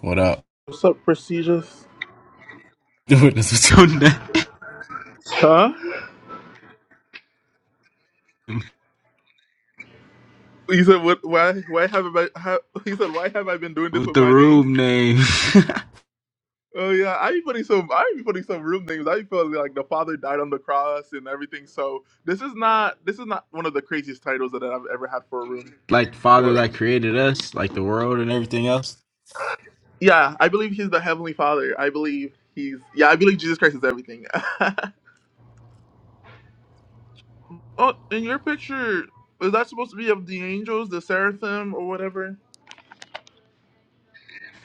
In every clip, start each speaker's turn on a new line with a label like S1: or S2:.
S1: What up?
S2: What's up, prestigious?
S1: Witness with your name,
S2: Huh? He said, "What? Why? Why haven't I? ha he said, "Why have I been doing this
S1: with
S2: with
S1: the
S2: my name?"
S1: room name,
S2: Oh yeah, I be putting some. I be putting some room names. I be feeling like the Father died on the cross and everything. So this is not. This is not one of the craziest titles that I've ever had for a room.
S1: like
S2: Or
S1: Father
S2: whatever.
S1: that created us, like the world and everything else.
S2: Yeah, I believe He's the Heavenly Father. I believe He's. Yeah, I believe Jesus Christ is everything. oh, in your picture, is that supposed to be of the angels, the seraphim, or whatever?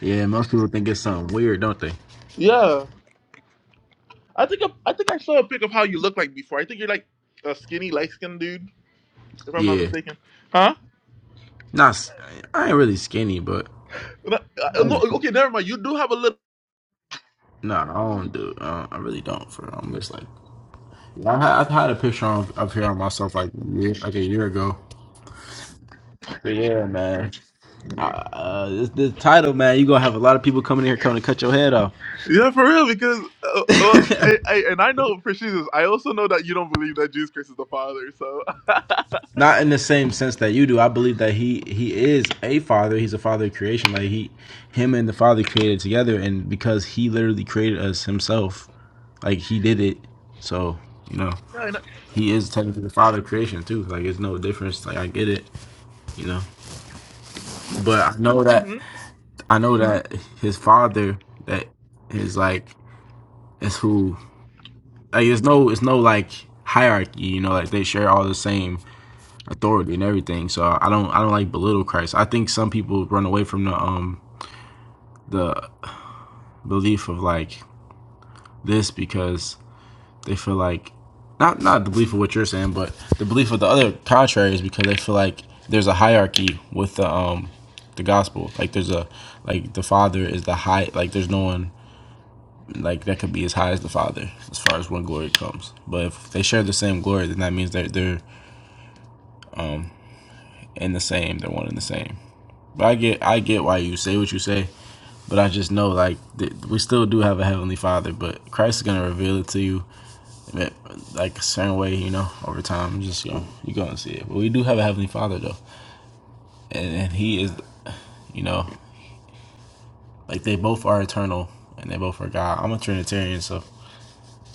S1: Yeah, most people think it's something weird, don't they?
S2: Yeah. I think I, I think I saw a pic of how you look like before. I think you're like a skinny, light skinned dude, if I'm not
S1: Yeah,
S2: mistaken. Huh?
S1: not. s- I ain't really skinny, but
S2: No, Uh,
S1: I
S2: No,
S1: ain't.
S2: okay, never mind. You do have a little.
S1: Nah, I don't do. Uh, I really don't. For I'm just like. I ha- I've had a picture of, of here on myself like a year- like a year ago. But yeah, man. Uh, uh, this, this title, man, you gonna have a lot of people coming here coming to cut your head off.
S2: Yeah, for real, because uh, uh, I, I, and I know for Jesus, I also know that you don't believe that Jesus Christ is the Father. So
S1: Not in the same sense that you do. I believe that he he is a father. He's a father of creation. Like he, him and the father created together, and because he literally created us himself, like he did it. So you know,
S2: yeah, I know.
S1: he is technically the father of creation too. Like it's no difference. Like I get it. You know, but I know that
S2: Hmm?
S1: I know that his father that is like is who like it's no it's no like hierarchy. You know, like they share all the same authority and everything. So I don't I don't like belittle Christ. I think some people run away from the um the belief of like this because they feel like not not the belief of what you're saying, but the belief of the other contrary is because they feel like there's a hierarchy with the um the gospel. Like there's a like the father is the high like there's no one like that could be as high as the father as far as when glory comes. But if they share the same glory then that means they're they're in the same, they're one in the same. But I get I get why you say what you say. But I just know, like, we still do have a Heavenly Father, but Christ is going to reveal it to you, like, like, a certain way, you know, over time. Just, you know, you're going to see it. But we do have a Heavenly Father, though. And, and He is, you know, like, they both are eternal and they both are God. I'm a Trinitarian, so,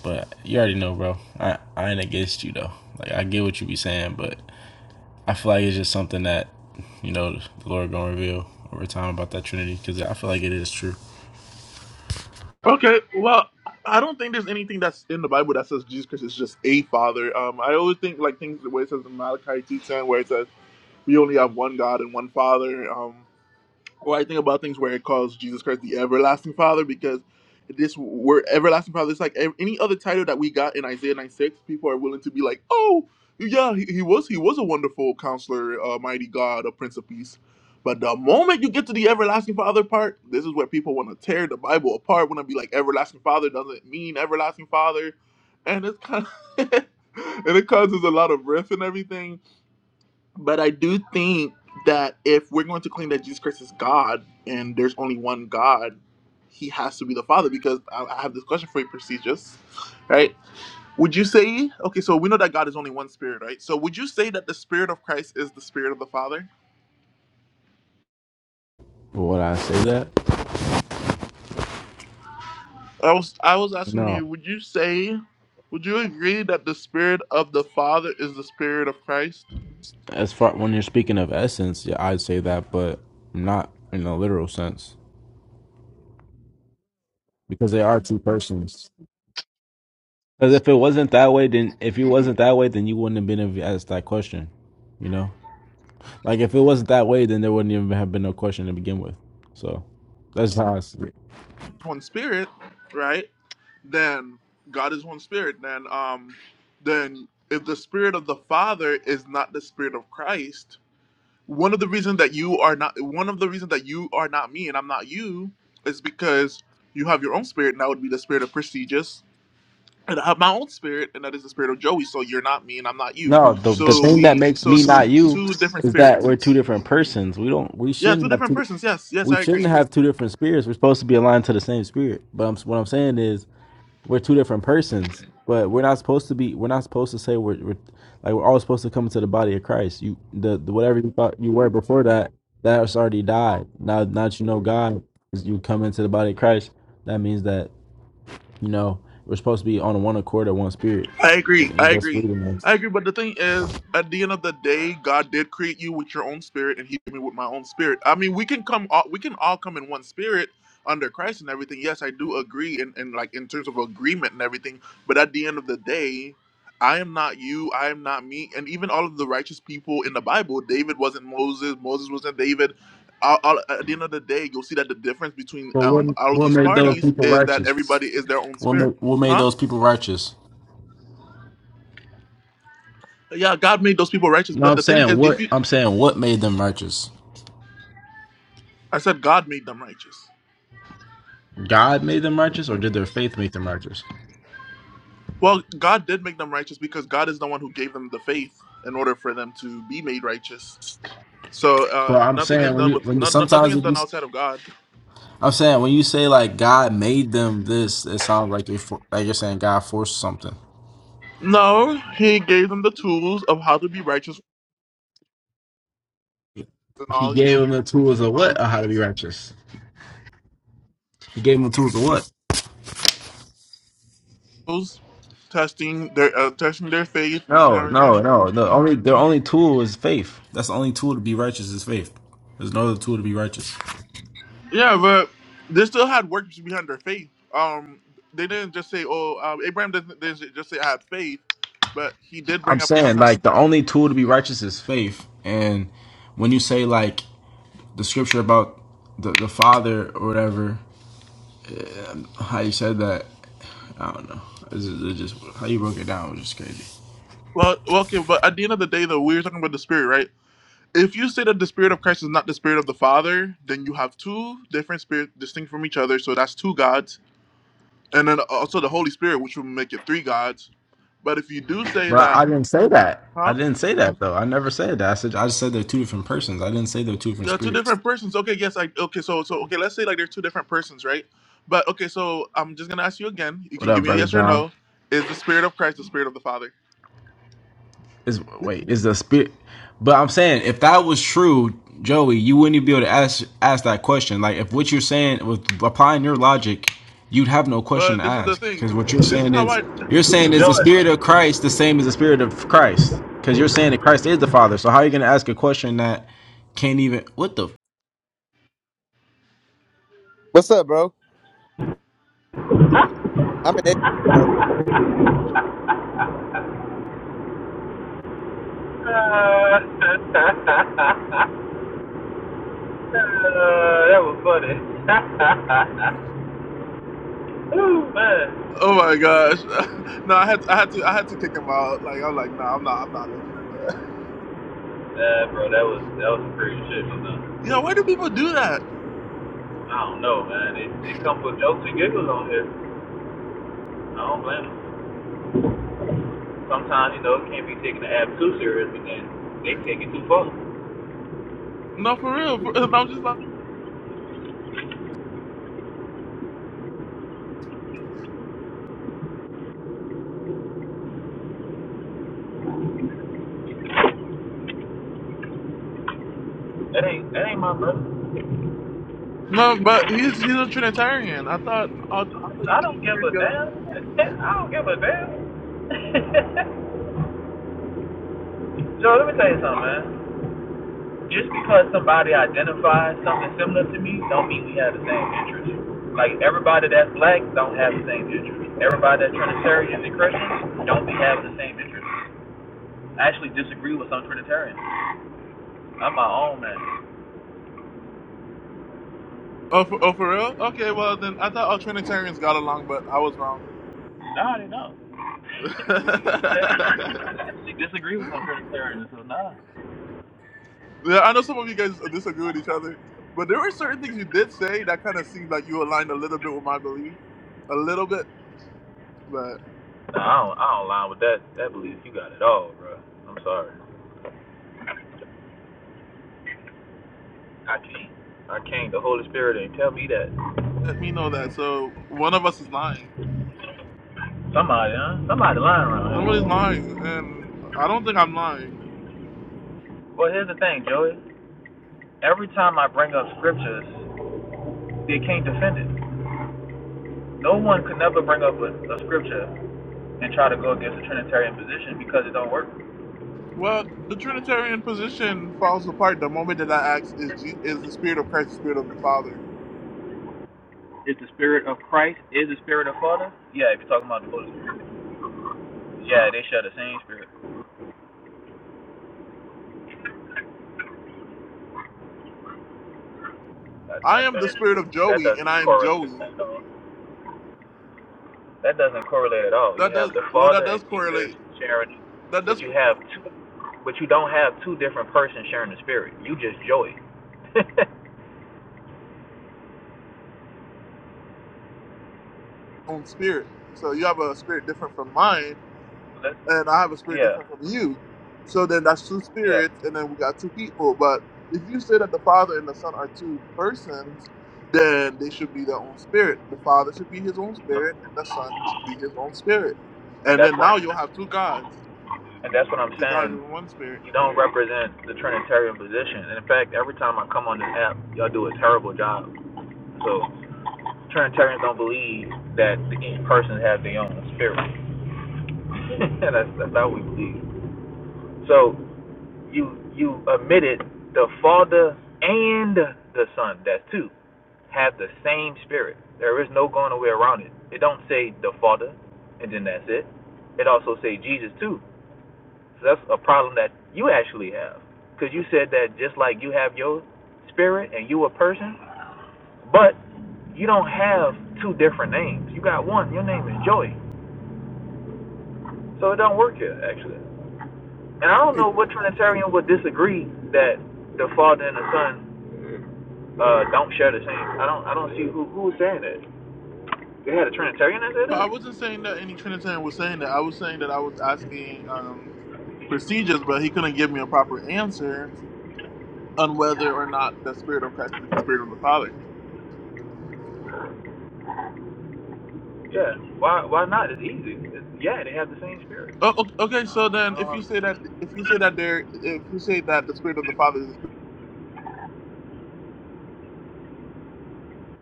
S1: but you already know, bro. I, I ain't against you, though. Like, I get what you be saying, but I feel like it's just something that, you know, the Lord going to reveal over time about that Trinity because I feel like it is true.
S2: okay, well, I don't think there's anything that's in the Bible that says Jesus Christ is just a Father. Um, I always think like things the way it says in Malachi two ten, where it says we only have one God and one Father. Um, Or I think about things where it calls Jesus Christ the everlasting Father because this word everlasting Father it's like any other title that we got in Isaiah 96. People are willing to be like, oh, yeah, he, he was he was a wonderful counselor, a mighty God, a Prince of Peace. But the moment you get to the everlasting Father part, this is where people want to tear the Bible apart. Want to be like everlasting Father doesn't mean everlasting Father, and it's kind of and it causes a lot of riff and everything but I do think that if we're going to claim that Jesus Christ is God and there's only one God, he has to be the Father because I, I have this question for you, prestigious. Right? Would you say, okay, so we know that God is only one spirit, right? So would you say that the spirit of Christ is the spirit of the Father?
S1: Would I say that?
S2: I was I was asking
S1: No.
S2: you, would you say would you agree that the spirit of the Father is the spirit of Christ?
S1: as far when you're speaking of essence, yeah, I'd say that, but not in a literal sense because they are two persons. Because if it wasn't that way, then if you wasn't that way, then you wouldn't have been able to ask that question. You know, like if it wasn't that way, then there wouldn't even have been no question to begin with. So that's how I see it.
S2: one spirit, right? Then God is one spirit. Then um then if the spirit of the Father is not the spirit of Christ, one of the reasons that you are not one of the reasons that you are not me and I'm not you is because you have your own spirit and that would be the spirit of prestigious. And I have my own spirit and that is the spirit of Joey. So you're not me and I'm not you.
S1: No, the the
S2: So
S1: thing that
S2: we
S1: makes me
S2: so
S1: not you
S2: two different
S1: is that
S2: spirits.
S1: we're two different persons. We don't. We
S2: Yeah, two
S1: shouldn't have
S2: different
S1: two.
S2: persons. Yes, yes,
S1: We
S2: I
S1: shouldn't
S2: agree.
S1: have two different spirits. We're supposed to be aligned to the same spirit. But I'm, what I'm saying is we're two different persons, but we're not supposed to be. We're not supposed to say we're, we're like we're all supposed to come into the body of Christ. You the, the whatever you thought you were before that, that's already died. Now, now that you know God, you come into the body of Christ. That means that you know we're supposed to be on one accord or one spirit,
S2: I agree.
S1: and
S2: I
S1: that's
S2: agree.
S1: freedom. man.
S2: I agree. But the thing is, at the end of the day, God did create you with your own spirit, and He made me with my own spirit. I mean, we can come. All, we can all come in one spirit under Christ and everything. Yes, I do agree, and and like in terms of agreement and everything. But at the end of the day. I am not you. I am not me. And even all of the righteous people in the Bible, David wasn't Moses. Moses wasn't David. All, all, at the end of the day, you'll see that the difference between
S1: But what
S2: um, all of
S1: what
S2: these
S1: made those
S2: parties
S1: people
S2: is that
S1: righteous?
S2: everybody is their own
S1: What ma-
S2: spirit,
S1: what made
S2: huh?
S1: those people righteous?
S2: yeah, God made those people righteous.
S1: No,
S2: But
S1: I'm
S2: the thing
S1: saying
S2: is, if
S1: what
S2: you,
S1: I'm saying. What made them righteous?
S2: I said God made them righteous.
S1: God made them righteous, or did their faith make them righteous?
S2: Well, God did make them righteous because God is the one who gave them the faith in order for them to be made righteous. So uh,
S1: But I'm
S2: nothing is
S1: saying when
S2: done
S1: you
S2: with
S1: when you,
S2: no, no- nothing
S1: sometimes
S2: is
S1: if you,
S2: done outside of God.
S1: I'm saying when you say like God made them this, it sounds like you're for, like you're saying God forced something.
S2: No, He gave them the tools of how to be righteous and
S1: He
S2: all
S1: gave them the tools of what? Of how to be righteous. He gave them the tools of what?
S2: those testing their uh, testing their faith and
S1: No, no,
S2: everything.
S1: no. The only their only tool is faith. That's the only tool to be righteous is faith. There's no other tool to be righteous.
S2: Yeah, but they still had works behind their faith. Um, they didn't just say, "Oh, um, Abraham didn't, didn't just say I had faith," but he did
S1: I'm
S2: bring up his
S1: saying
S2: son.
S1: like the only tool to be righteous is faith. And when you say like the scripture about the, the father or whatever how you said that. I don't know. It's just, it's just how you broke it down was just crazy.
S2: Well, well, okay, but at the end of the day, though, we were talking about the spirit, right? If you say that the spirit of Christ is not the spirit of the Father, then you have two different spirits distinct from each other. So that's two gods, and then also the Holy Spirit, which will make it three gods. But if you do say
S1: But I
S2: that,
S1: didn't say that.
S2: huh?
S1: I didn't say that though. I never said that. I said I just said they're two different persons. I didn't say they're two different
S2: Yeah, two
S1: spirits.
S2: different persons. Okay, yes, I okay, so so okay, let's say like they're two different persons, right? But okay, so I'm just gonna ask you again. You
S1: What
S2: can give
S1: up,
S2: me a
S1: brother
S2: yes or
S1: John?
S2: no. Is the spirit of Christ the spirit of the Father?
S1: Is wait, is the spirit? But I'm saying, if that was true, Joey, you wouldn't even be able to ask ask that question. Like, if what you're saying with applying your logic, you'd have no question
S2: But
S1: to
S2: this is the
S1: ask
S2: thing.
S1: because what you're
S2: This is
S1: saying
S2: how
S1: is
S2: I
S1: you're saying is the
S3: Joy.
S1: spirit of Christ the same as the spirit of Christ because you're saying that Christ is the Father. So how are you going to ask a question that can't even what the
S4: What's up, bro? I'm an atheist, bro.
S3: Uh, uh, that was funny. Ooh, man.
S2: Oh my gosh. no, I had I had to I had to kick him out. Like I'm like, nah, I'm not I'm not looking at that.
S3: Nah, bro, that was that was some crazy shit
S2: Yeah, why do people do that?
S3: I don't know, man. They they come with jokes and giggles on here. I don't blame them. Sometimes you know it can't be taking the app too seriously, then they take it too far.
S2: No, for real. For, and I was just like
S3: That ain't that ain't my brother.
S2: No, but he's he's a Trinitarian. I thought I, I thought you
S3: I don't give a
S2: Trinitarians got along.
S3: damn. I don't give a damn. Joe, let me tell you something, man. Just because somebody identifies something similar to me, don't mean we have the same interest. Like everybody that's black don't have the same interest. Everybody that's Trinitarian and Christian don't be having the same interest. I actually disagree with some Trinitarians. I'm my own man.
S2: Oh for, oh for real? Okay, well then I thought all Trinitarians got along, but I was wrong.
S3: Nah, they don't.
S2: yeah,
S3: she disagree with some Trinitarians, so nah.
S2: I know some of you guys disagree with each other, but there were certain things you did say that kind of seemed like you aligned a little bit with my belief, a little bit. But
S3: Nah,
S2: you
S3: I
S2: know,
S3: don't, I don't line with that that belief you got at all, bro. I'm sorry. I can't. I can't. The Holy Spirit ain't tell me that.
S2: let me know that. So one of us is lying.
S3: Somebody, huh? Somebody lying around here.
S2: Somebody's lying, and I don't think I'm lying.
S3: Well, here's the thing, Joey. Every time I bring up scriptures, they can't defend it. No one could never bring up a, a scripture and try to go against the Trinitarian position because it don't work.
S2: Well, the Trinitarian position falls apart the moment that I ask, "Is G- is the Spirit of Christ the Spirit of the Father?"
S3: Is the spirit of Christ? Is the spirit of Father? Yeah, if you're talking about the Holy Spirit. Yeah, they share the same spirit. That,
S2: I
S3: that,
S2: am the
S3: doesn't-
S2: Spirit of
S3: that
S2: Joey, and
S3: doesn't
S2: I am
S3: correlate
S2: Joey.
S3: at all. That doesn't correlate at all. You
S2: That does
S3: have the
S2: well. That
S3: Father and
S2: does
S3: Jesus
S2: correlate.
S3: sharing,
S2: That
S3: but
S2: does.
S3: you have two, but you don't have two different persons sharing the Spirit. You just Joey.
S2: own spirit. So you have a spirit different from mine, and I have a spirit different from
S3: yeah.
S2: you. So then that's two
S3: Yeah.
S2: spirits, and then we got two people. But if you say that the Father and the Son are two persons, then they should be their own spirit. The Father should be his own spirit, and the Son should be his own spirit.
S3: And
S2: And
S3: that's
S2: then
S3: what
S2: now you'll have two gods,
S3: and that's what I'm
S2: because God
S3: saying.
S2: is one spirit.
S3: You don't represent the Trinitarian position. And in fact, every time I come on this app, y'all do a terrible job. So Trinitarians don't believe that each person has their own spirit. that's that's how we believe. So you you admitted the Father and the Son, that's two, have the same spirit. There is no going away around it. It don't say the Father and then that's it. It also say Jesus too. So that's a problem that you actually have. Because you said that just like you have your spirit and you a person, but you don't have two different names. You got one. Your name is Joey. So it don't work here, actually. And I don't know what Trinitarian would disagree that the Father and the Son uh, don't share the same. I don't. I don't see who who's saying that. They had a Trinitarian that said
S2: So I
S3: that.
S2: wasn't saying that any Trinitarian was saying that. I was saying that I was asking um, procedures, but he couldn't give me a proper answer on whether or not the Spirit of Christ is the Spirit of the Father.
S3: Yeah. Why? Why not? It's easy. It's, yeah, they have the same spirit.
S2: Oh, o-
S3: I
S2: okay. So
S3: don't, I
S2: then, if
S3: don't,
S2: you say that, if you say that there, if you say that the spirit of the Father is going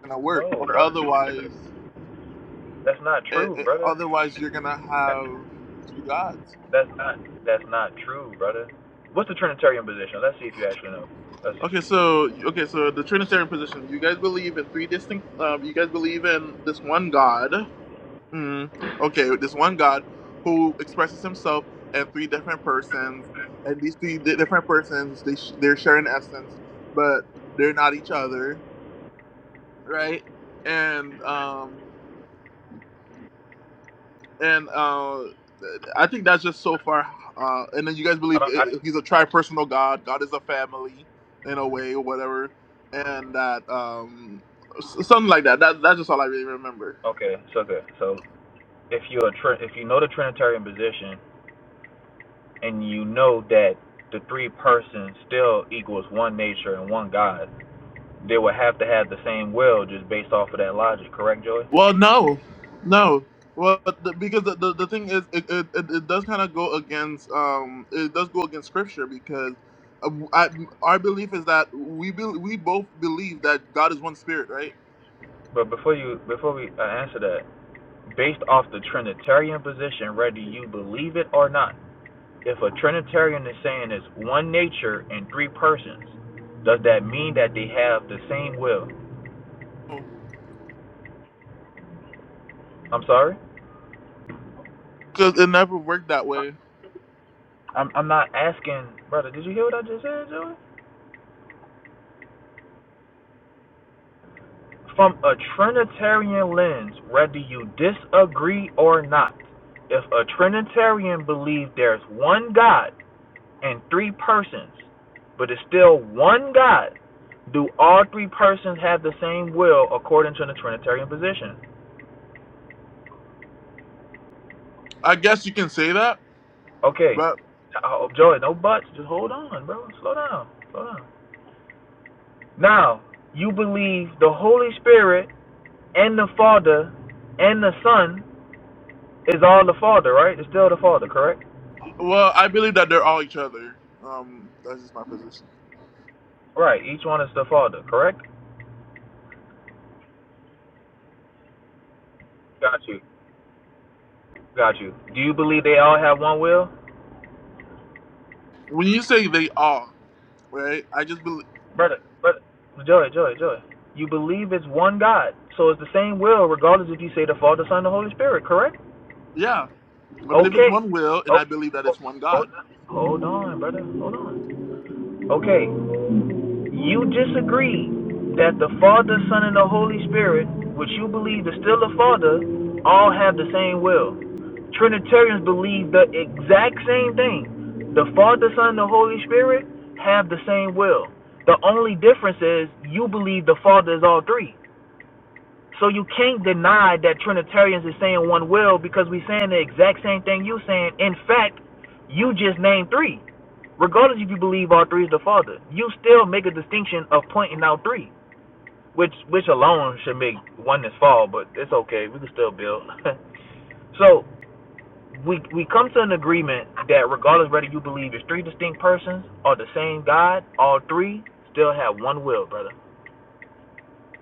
S2: to work,
S3: no,
S2: or
S3: brother.
S2: otherwise,
S3: That's not
S2: eh,
S3: true,
S2: eh,
S3: brother.
S2: otherwise you're gonna
S3: That's
S2: have two gods.
S3: that's not that's not true, brother. What's the Trinitarian position? Let's see if you actually know. Let's see.
S2: Okay, so okay, so the Trinitarian position. You guys believe in three distinct. Um, you guys believe in this one God. Mm, okay, this one God who expresses Himself in three different persons, and these three di- different persons they sh- they're sharing essence, but they're not each other, right? And um and uh, I think that's just so far. Uh, and then you guys
S3: I
S2: believe
S3: don't. I,
S2: i- he's a tri-personal God. God is a family in a way, or whatever, and that um, s- something like that. That that's just all I really remember.
S3: okay. So good. So if you're a Trin- if you know the Trinitarian position and you know that the three persons still equals one nature and one God, they would have to have the same will just based off of that logic. Correct, Joy?
S2: Well, no, no. Well, the, because the, the, the thing is, it, it, it, it does kind of go against um, it does go against scripture because uh, I, our belief is that we be, we both believe that God is one spirit, right?
S3: But before you before we uh, answer that, based off the Trinitarian position, whether you believe it or not. If a Trinitarian is saying it's one nature and three persons, does that mean that they have the same will? I'm sorry?
S2: Because it never worked that way.
S3: I'm, I'm not asking, brother, did you hear what I just said, Joey? From a Trinitarian lens, whether you disagree or not, if a Trinitarian believes there's one God and three persons, but it's still one God, do all three persons have the same will according to the Trinitarian position?
S2: I guess you can say that,
S3: Okay,
S2: But
S3: oh, Joey, no buts. Just hold on, bro. Slow down. Slow down. Now, you believe the Holy Spirit and the Father and the Son is all the Father, right? It's still the Father, correct?
S2: well, I believe that they're all each other. Um, that's just my position.
S3: Right. Each one is the Father, correct? Got you. Got you. Do you believe they all have one will?
S2: When you say they are, right? I just believe,
S3: Brother, brother, Joey, Joey, Joey. You believe it's one God. So it's the same will, regardless if you say the Father, Son, and the Holy Spirit, correct?
S2: yeah, I believe it's
S3: Okay.
S2: one will, and I
S3: Okay.
S2: believe that
S3: oh,
S2: it's one
S3: hold
S2: God.
S3: on. Hold on, brother. Hold on. Okay, you disagree that the Father, Son, and the Holy Spirit, which you believe is still the Father, all have the same will. Trinitarians believe the exact same thing. The Father, Son, and the Holy Spirit have the same will. The only difference is you believe the Father is all three. So you can't deny that Trinitarians is saying one will because we saying the exact same thing you saying. In fact, you just named three. Regardless if you believe all three is the Father, you still make a distinction of pointing out three, which which alone should make oneness fall. But it's okay, we can still build. so we we come to an agreement that regardless whether you believe it's three distinct persons or the same God, all three still have one will, brother.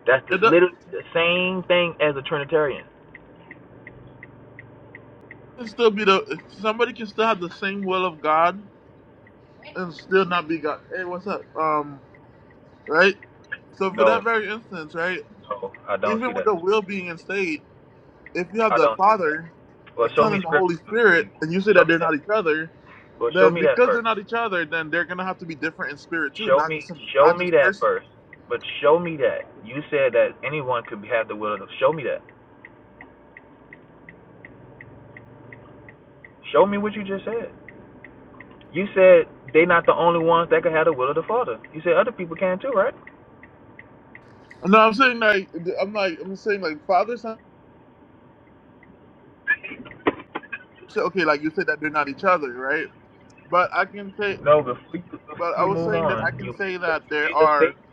S3: That's the
S2: It do- it
S3: little the same thing as a Trinitarian.
S2: can still be the somebody can still have the same will of God and still not be God. Hey, what's up? Um, right. So for
S3: No.
S2: that very instance, right,
S3: So I don't see
S2: even with
S3: that.
S2: the will being in state, if you have
S3: I
S2: the
S3: don't see that.
S2: Father,
S3: Well,
S2: the
S3: show
S2: Son,
S3: me
S2: and the
S3: scripture,
S2: Holy Spirit,
S3: please.
S2: and you say
S3: Show
S2: that
S3: me
S2: they're
S3: that.
S2: not each other,
S3: Well, show
S2: Then
S3: me that
S2: because they're
S3: first.
S2: not each other, then they're gonna have to be different in spirit too,
S3: Show
S2: not
S3: me,
S2: just in,
S3: show
S2: not
S3: me
S2: just
S3: that
S2: person.
S3: first. But show me that you said that anyone could have the will of. The, show me that. Show me what you just said. You said they not the only ones that could have the will of the Father. You said other people can too, right?
S2: No, I'm saying like I'm like I'm saying like father son. so, Okay, like you said that they're not each other, right? But I can say,
S3: No, before you,
S2: but
S3: before
S2: I
S3: you
S2: was
S3: move
S2: saying that I
S3: on,
S2: can
S3: you
S2: say
S3: made a,
S2: that
S3: you
S2: there
S3: made a
S2: are.
S3: statement.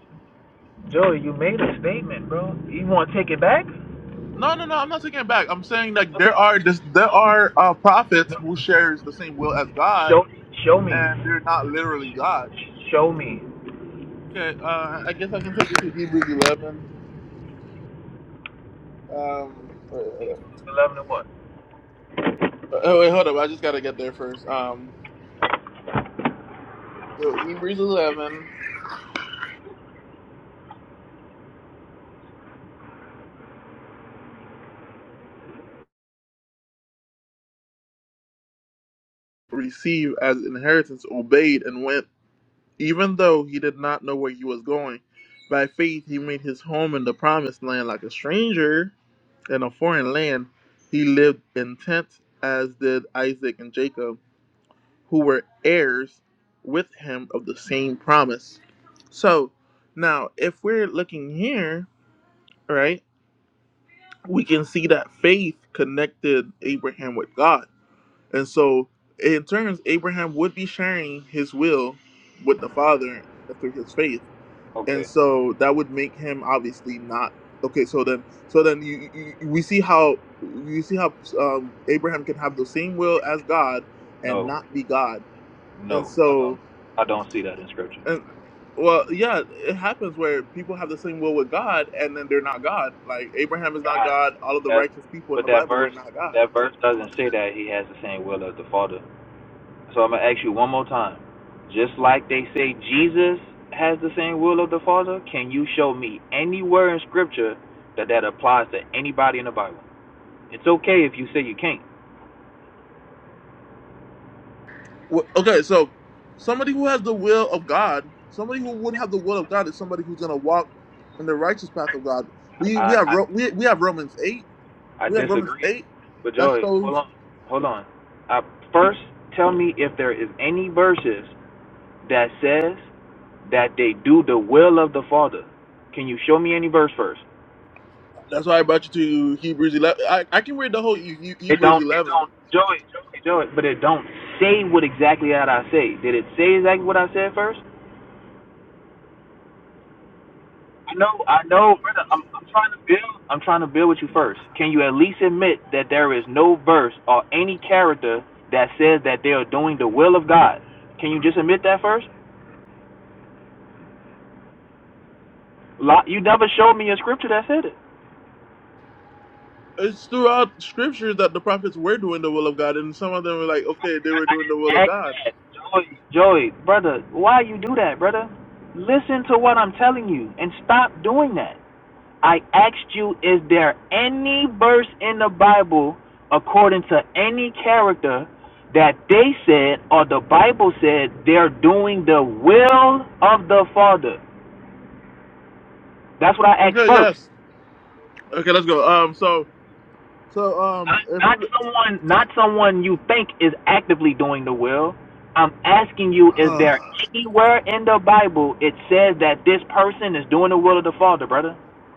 S3: Joey, you made a statement, bro. You want to take it back?
S2: No, no, no. I'm not taking it back. I'm saying like there
S3: Okay.
S2: are this, there are uh, prophets who shares the same will as God,
S3: Show, show me.
S2: and they're not literally God.
S3: show me.
S2: Okay, uh, I guess I can take you to Hebrews 11. Um, uh,
S3: 11 and what?
S2: oh wait, hold up. I just gotta get there first. Um, Hebrews 11. Receive as inheritance, obeyed, and went, even though he did not know where he was going. By faith, he made his home in the promised land like a stranger in a foreign land. He lived in tents, as did Isaac and Jacob, who were heirs with him of the same promise. So, now if we're looking here, right, we can see that faith connected Abraham with God And so, in turns, Abraham would be sharing his will with the Father through his faith, and
S3: Okay.
S2: so that would make him obviously not okay. So then, so then you you- we see how you see how um, Abraham can have the same will as God and
S3: No,
S2: not be God, and
S3: no, I don't.
S2: so
S3: I don't see that in scripture.
S2: and well, yeah, it happens where people have the same will with God and then they're not God. Like Abraham is not
S3: I,
S2: God. All of the
S3: That,
S2: righteous people in
S3: but
S2: the
S3: that
S2: Bible were
S3: verse,
S2: not God
S3: that verse doesn't say that he has the same will as the Father. So I'm gonna ask you one more time. Just like they say Jesus has the same will of the Father, can you show me anywhere in scripture that that applies to anybody in the Bible? It's okay if you say you can't.
S2: Well, okay, so somebody who has the will of God, somebody who would have the will of God, is somebody who's going to walk in the righteous path of God. We we
S3: I,
S2: have
S3: I
S2: Ro- we we have Romans eight.
S3: I
S2: We have Romans
S3: disagree.
S2: eight.
S3: But
S2: That
S3: Joey, hold
S2: shows.
S3: on, hold on. Uh, first, tell me if there is any verses that says that they do the will of the Father. Can you show me any verse first?
S2: That's why I brought you to Hebrews eleven. I, I can read the whole He- He-
S3: It
S2: Hebrews
S3: don't. It
S2: eleven.
S3: don't. Joey, Joey, Joey. But it don't say what exactly that I say. Did it say exactly what I said first? I know. I know, brother. I'm. I'm trying to build. I'm trying to build with you first. Can you at least admit that there is no verse or any character that says that they are doing the will of God? Can you just admit that first? you never showed me a scripture that said it.
S2: It's throughout Scripture that the prophets were doing the will of God, and some of them were like, okay, they were
S3: I, I
S2: doing the
S3: didn't
S2: will of
S3: ask
S2: God.
S3: that, Joey. Joey, brother, why you do that, brother? Listen to what I'm telling you and stop doing that. I asked you, is there any verse in the Bible, according to any character, that they said or the Bible said they're doing the will of the Father? That's what I asked
S2: Okay,
S3: first.
S2: yes. Okay, let's go. Um, so so
S3: Not
S2: um, if
S3: not someone, not someone you think is actively doing the will. I'm asking you, is
S2: you,
S3: there anywhere in the Bible it says that this person is doing the will of the Father, brother?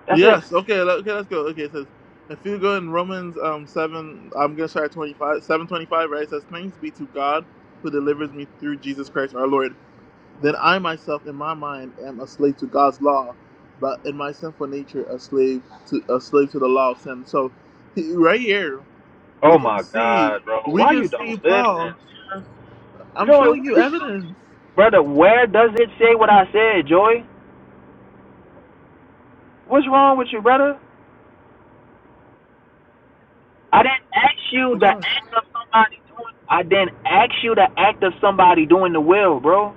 S3: That's it.
S2: Yes. Okay. let- Okay. Let's go. Okay. It says, if you go in Romans um seven, I'm gonna start at twenty five, seven twenty five. Right. It says, "Thanks be to God who delivers me through Jesus Christ our Lord." Then I myself, in my mind, am a slave to God's law, but in my sinful nature, a slave to a slave to the law of sin. So, he- right here, we
S3: Oh
S2: can
S3: my
S2: see,
S3: God, bro,
S2: we
S3: why
S2: can
S3: you don't
S2: see
S3: listen,
S2: Paul. I'm
S3: Joy?
S2: showing
S3: What
S2: you
S3: you,
S2: evidence.
S3: brother? Where does it say what I said, Joy? What's wrong with you, brother? I didn't ask you
S2: Oh
S3: the act of somebody doing. I didn't ask you the act of somebody doing the will, bro.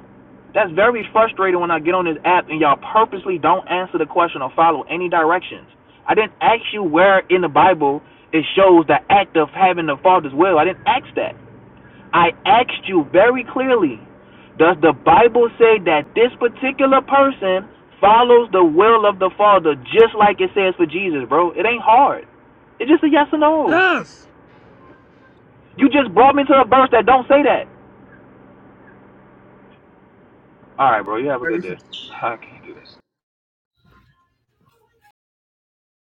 S3: That's very frustrating when I get on this app and y'all purposely don't answer the question or follow any directions. I didn't ask you where in the Bible it shows the act of having the father's will. I didn't ask that. I asked you very clearly. Does the Bible say that this particular person follows the will of the Father just like it says for Jesus, bro? It ain't hard. It's just a yes or no.
S2: gosh.
S3: You just brought me to a verse that don't say that. All right, bro. You have a good
S2: Yes.
S3: day. I can't do that.